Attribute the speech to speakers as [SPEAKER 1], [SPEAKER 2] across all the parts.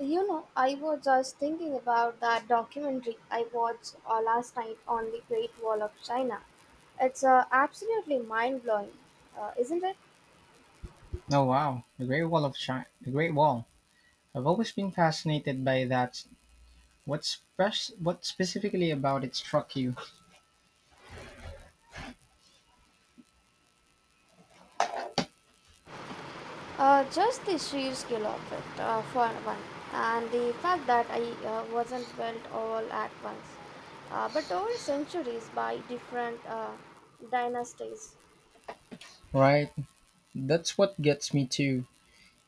[SPEAKER 1] You know, I was just thinking about that documentary I watched last night on the Great Wall of China. It's absolutely mind blowing, isn't it?
[SPEAKER 2] Oh wow, the Great Wall of China, the Great Wall. I've always been fascinated by that. What specifically about it struck you?
[SPEAKER 1] Just the sheer scale of it, for one, and the fact that I wasn't built all at once, but over centuries by different dynasties.
[SPEAKER 2] Right, that's what gets me too.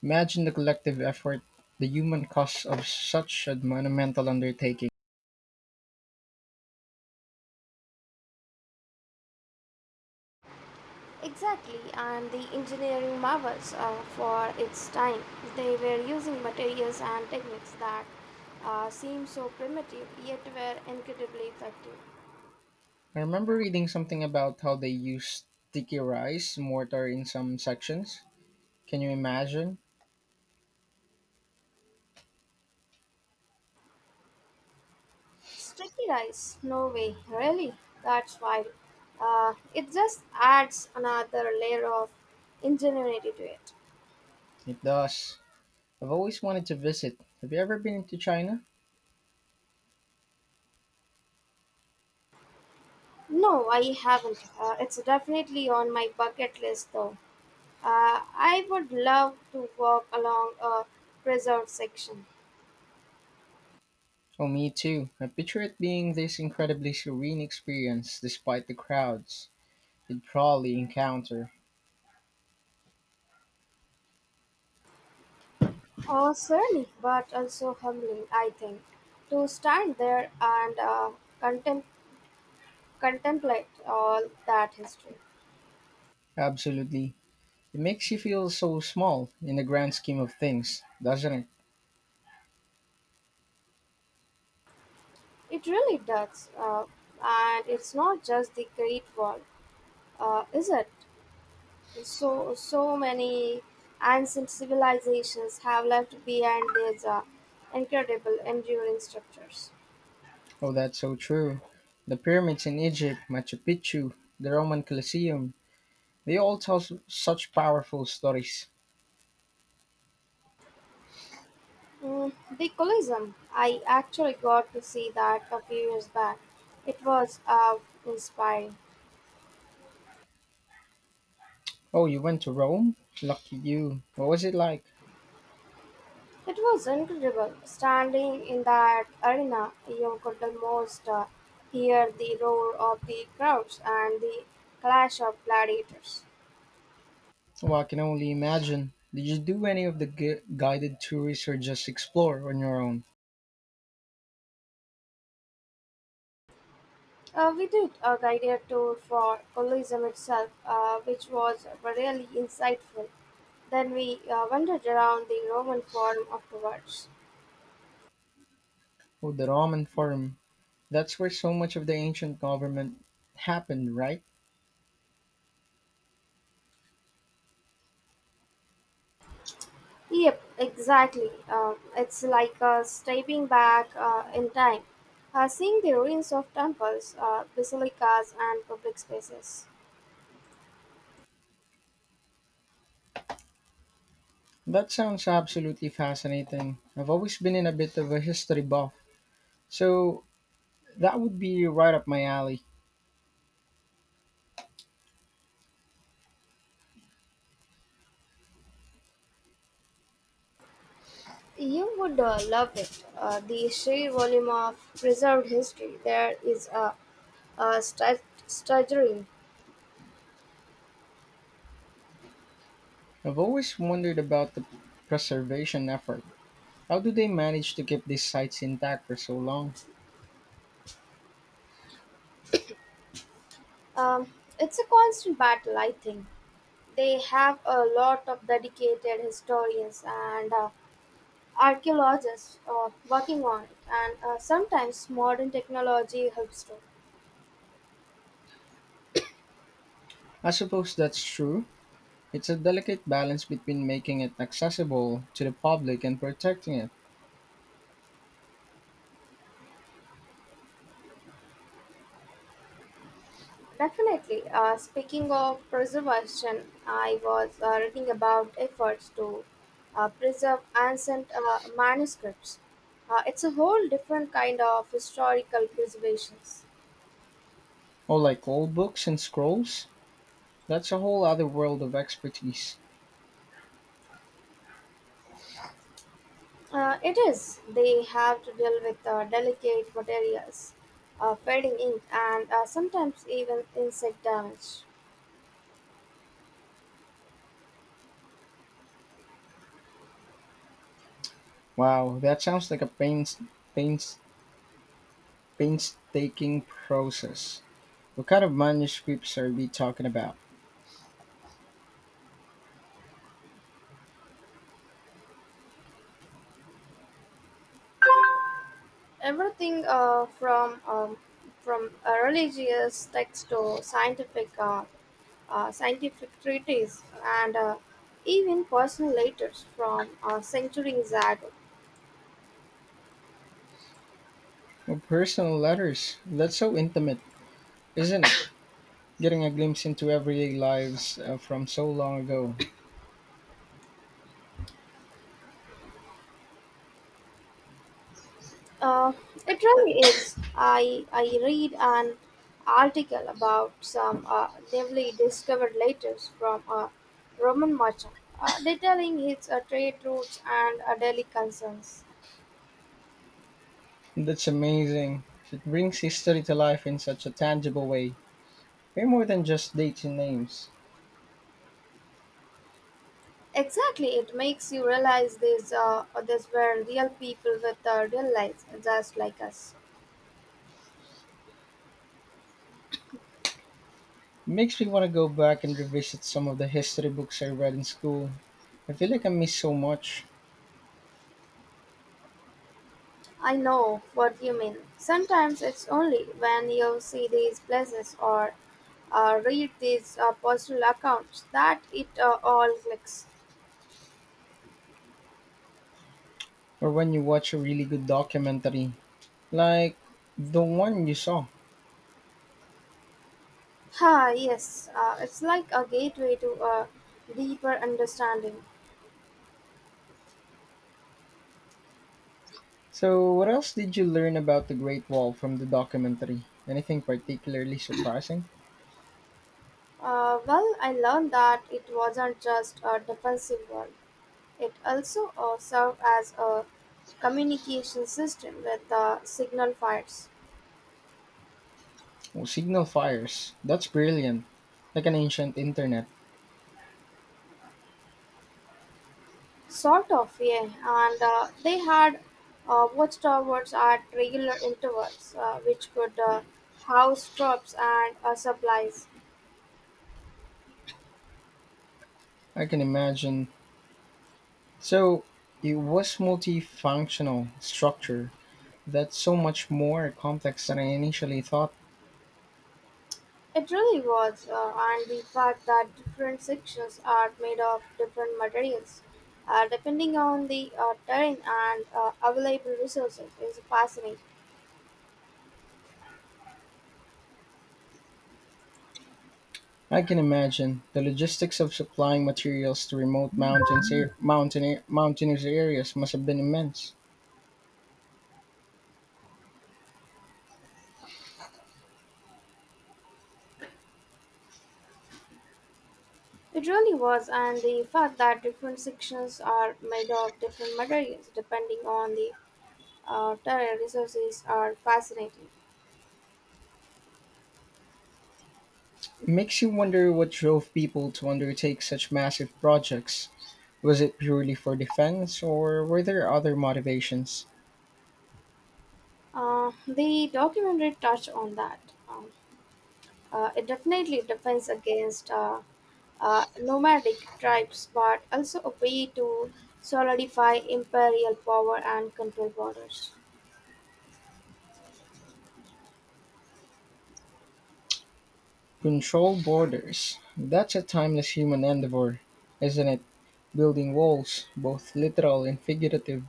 [SPEAKER 2] Imagine the collective effort, the human cost of such a monumental undertaking.
[SPEAKER 1] Exactly, and the engineering marvels for its time. They were using materials and techniques that seemed so primitive yet were incredibly effective.
[SPEAKER 2] I remember reading something about how they use sticky rice mortar in some sections. Can you imagine?
[SPEAKER 1] Sticky rice? No way, really? That's wild. It just adds another layer of ingenuity to it.
[SPEAKER 2] It does. I've always wanted to visit. Have you ever been to China?
[SPEAKER 1] No, I haven't. It's definitely on my bucket list though. I would love to walk along a preserved section.
[SPEAKER 2] Oh, me too. I picture it being this incredibly serene experience despite the crowds you'd probably encounter.
[SPEAKER 1] Surely, but also humbling, I think, to stand there and contem- contemplate all that history.
[SPEAKER 2] Absolutely. It makes you feel so small in the grand scheme of things, doesn't it?
[SPEAKER 1] It really does. And it's not just the Great Wall, is it? So many ancient civilizations have left behind these incredible, enduring structures.
[SPEAKER 2] Oh, that's so true. The pyramids in Egypt, Machu Picchu, the Roman Colosseum, they all such powerful stories.
[SPEAKER 1] Mm, the Colosseum, I actually got to see that a few years back. It was inspiring.
[SPEAKER 2] Oh, you went to Rome? Lucky you. What was it like?
[SPEAKER 1] It was incredible. Standing in that arena, you could almost hear the roar of the crowds and the clash of gladiators.
[SPEAKER 2] Oh, I can only imagine. Did you do any of the guided tours or just explore on your own?
[SPEAKER 1] We did a guided tour for Colosseum itself, which was really insightful. Then we wandered around the Roman Forum afterwards.
[SPEAKER 2] Oh, the Roman Forum. That's where so much of the ancient government happened, right?
[SPEAKER 1] Yep, exactly. It's like stepping back in time, seeing the ruins of temples, basilicas, and public spaces.
[SPEAKER 2] That sounds absolutely fascinating. I've always been in a bit of a history buff, so that would be right up my alley.
[SPEAKER 1] You would love it. The sheer volume of preserved history there is a stra- staggering.
[SPEAKER 2] I've always wondered about the preservation effort. How do they manage to keep these sites intact for so long?
[SPEAKER 1] It's a constant battle, I think. They have a lot of dedicated historians and archaeologists working on it, and sometimes modern technology helps too.
[SPEAKER 2] I suppose that's true. It's a delicate balance between making it accessible to the public and protecting it.
[SPEAKER 1] Definitely. Speaking of preservation, I was reading about efforts to preserve ancient manuscripts. It's a whole different kind of historical preservations.
[SPEAKER 2] Oh, like old books and scrolls? That's a whole other world of expertise.
[SPEAKER 1] It is. They have to deal with delicate materials, fading ink, and sometimes even insect damage.
[SPEAKER 2] Wow, that sounds like a pains, painstaking process. What kind of manuscripts are we talking about?
[SPEAKER 1] Everything from religious texts to scientific scientific treaties and even personal letters from centuries ago.
[SPEAKER 2] Oh, personal letters. That's so intimate, isn't it? Getting a glimpse into everyday lives from so long ago.
[SPEAKER 1] Uh, it really is. I read an article about some newly discovered letters from a Roman merchant detailing his trade routes and daily concerns.
[SPEAKER 2] That's amazing. It brings history to life in such a tangible way. Way more than just dates and names.
[SPEAKER 1] Exactly, it makes you realize these were real people with real lives, just like us.
[SPEAKER 2] It makes me want to go back and revisit some of the history books I read in school. I feel like I miss so much.
[SPEAKER 1] I know what you mean. Sometimes it's only when you see these places or read these personal accounts that it all clicks.
[SPEAKER 2] Or when you watch a really good documentary like the one you saw.
[SPEAKER 1] Ah, yes, it's like a gateway to a deeper understanding.
[SPEAKER 2] So, what else did you learn about the Great Wall from the documentary? Anything particularly surprising?
[SPEAKER 1] Well, I learned that it wasn't just a defensive wall, it also served as a communication system with signal fires.
[SPEAKER 2] Oh, signal fires. That's brilliant. Like an ancient internet.
[SPEAKER 1] Sort of, yeah. And they had watchtowers at regular intervals, which could house troops and supplies.
[SPEAKER 2] I can imagine. So, it was multifunctional structure. That's so much more complex than I initially thought.
[SPEAKER 1] It really was, and the fact that different sections are made of different materials, depending on the terrain and available resources, is fascinating.
[SPEAKER 2] I can imagine the logistics of supplying materials to remote mountains, air, mountain, air- mountainous areas must have been immense.
[SPEAKER 1] It really was, and the fact that different sections are made of different materials, depending on the terrain resources, are fascinating.
[SPEAKER 2] It makes you wonder what drove people to undertake such massive projects. Was it purely for defense, or were there other motivations?
[SPEAKER 1] The documentary touched on that. Um, it definitely defends against nomadic tribes, but also a way to solidify imperial power and control borders.
[SPEAKER 2] Control borders. That's a timeless human endeavor, isn't it? Building walls, both literal and figurative.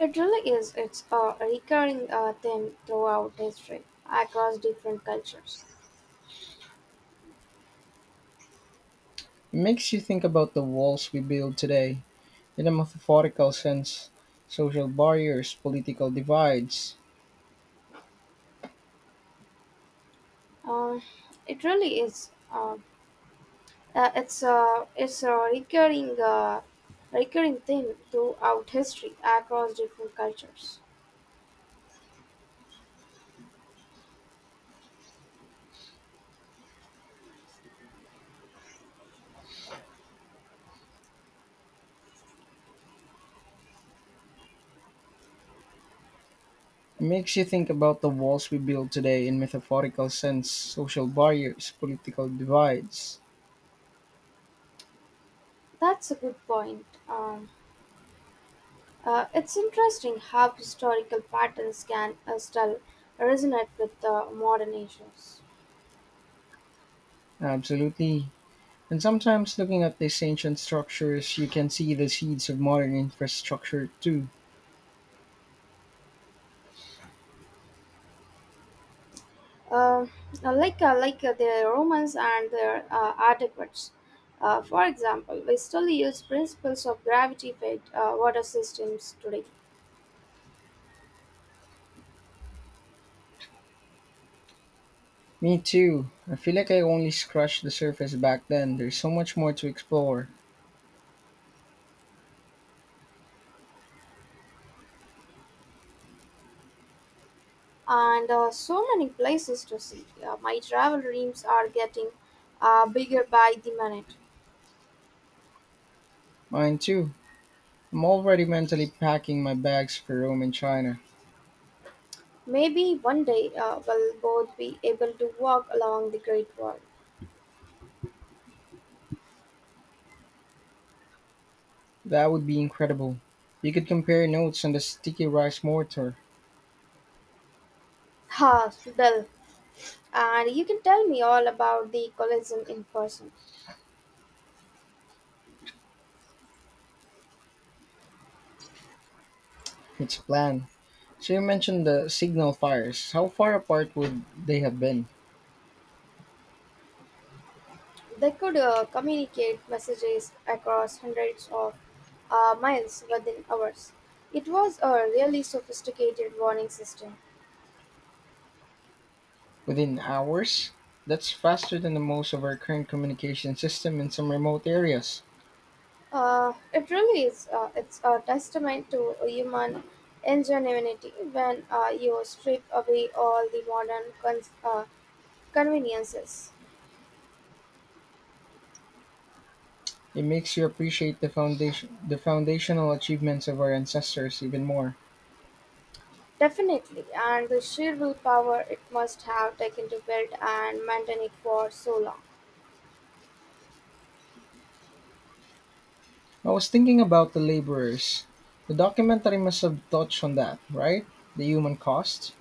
[SPEAKER 1] It really is. It's a recurring theme throughout history, across different cultures.
[SPEAKER 2] It makes you think about the walls we build today, in a metaphorical sense. Social barriers, political divides.
[SPEAKER 1] Um, it really is. It's a recurring recurring theme throughout history, across different cultures.
[SPEAKER 2] It makes you think about the walls we build today in metaphorical sense, social barriers, political divides.
[SPEAKER 1] That's a good point. It's interesting how historical patterns can still resonate with modern issues.
[SPEAKER 2] Absolutely. And sometimes looking at these ancient structures, you can see the seeds of modern infrastructure too.
[SPEAKER 1] Uh, like the Romans and their adequates. For example, we still use principles of gravity fed water systems today.
[SPEAKER 2] Me too. I feel like I only scratched the surface back then. There's so much more to explore.
[SPEAKER 1] And so many places to see. My travel dreams are getting bigger by the minute.
[SPEAKER 2] Mine too. I'm already mentally packing my bags for Rome and China.
[SPEAKER 1] Maybe one day we'll both be able to walk along the Great Wall.
[SPEAKER 2] That would be incredible. We could compare notes on the sticky rice mortar.
[SPEAKER 1] Ha, Dal. And you can tell me all about the collision in person.
[SPEAKER 2] It's a plan. So you mentioned the signal fires. How far apart would they have been?
[SPEAKER 1] They could communicate messages across hundreds of miles within hours. It was a really sophisticated warning system.
[SPEAKER 2] Within hours? That's faster than the most of our current communication system in some remote areas.
[SPEAKER 1] It really is. It's a testament to human ingenuity when you strip away all the modern conveniences.
[SPEAKER 2] It makes you appreciate the foundational achievements of our ancestors even more.
[SPEAKER 1] Definitely, and the sheer willpower it must have taken to build and maintain it for so long.
[SPEAKER 2] I was thinking about the laborers. The documentary must have touched on that, right? The human cost.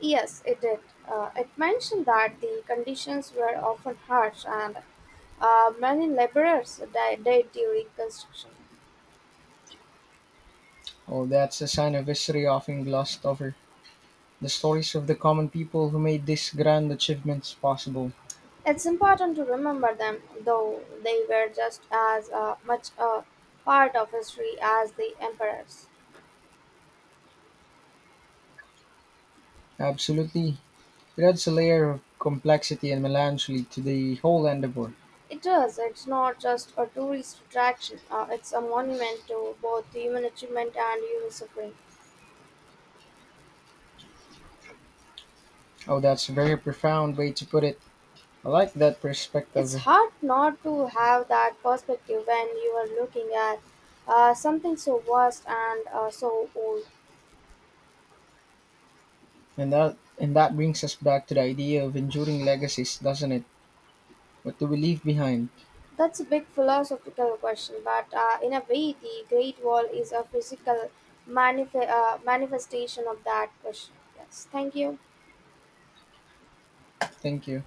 [SPEAKER 1] Yes, it did. It mentioned that the conditions were often harsh and many laborers died during construction.
[SPEAKER 2] Oh, that's a sign of history often glossed over. The stories of the common people who made these grand achievements possible.
[SPEAKER 1] It's important to remember them, though they were just as much a part of history as the emperors.
[SPEAKER 2] Absolutely. It adds a layer of complexity and melancholy to the whole endeavor.
[SPEAKER 1] It is. It's not just a tourist attraction. It's a monument to both human achievement and human suffering.
[SPEAKER 2] Oh, that's a very profound way to put it. I like that
[SPEAKER 1] It's
[SPEAKER 2] perspective.
[SPEAKER 1] hard not to have that perspective when you are looking at something so vast and so old.
[SPEAKER 2] And that brings us back to the idea of enduring legacies, doesn't it? What do we leave behind?
[SPEAKER 1] That's a big philosophical question, but in a way, the Great Wall is a physical manifestation of that question. Yes, thank you.
[SPEAKER 2] Thank you.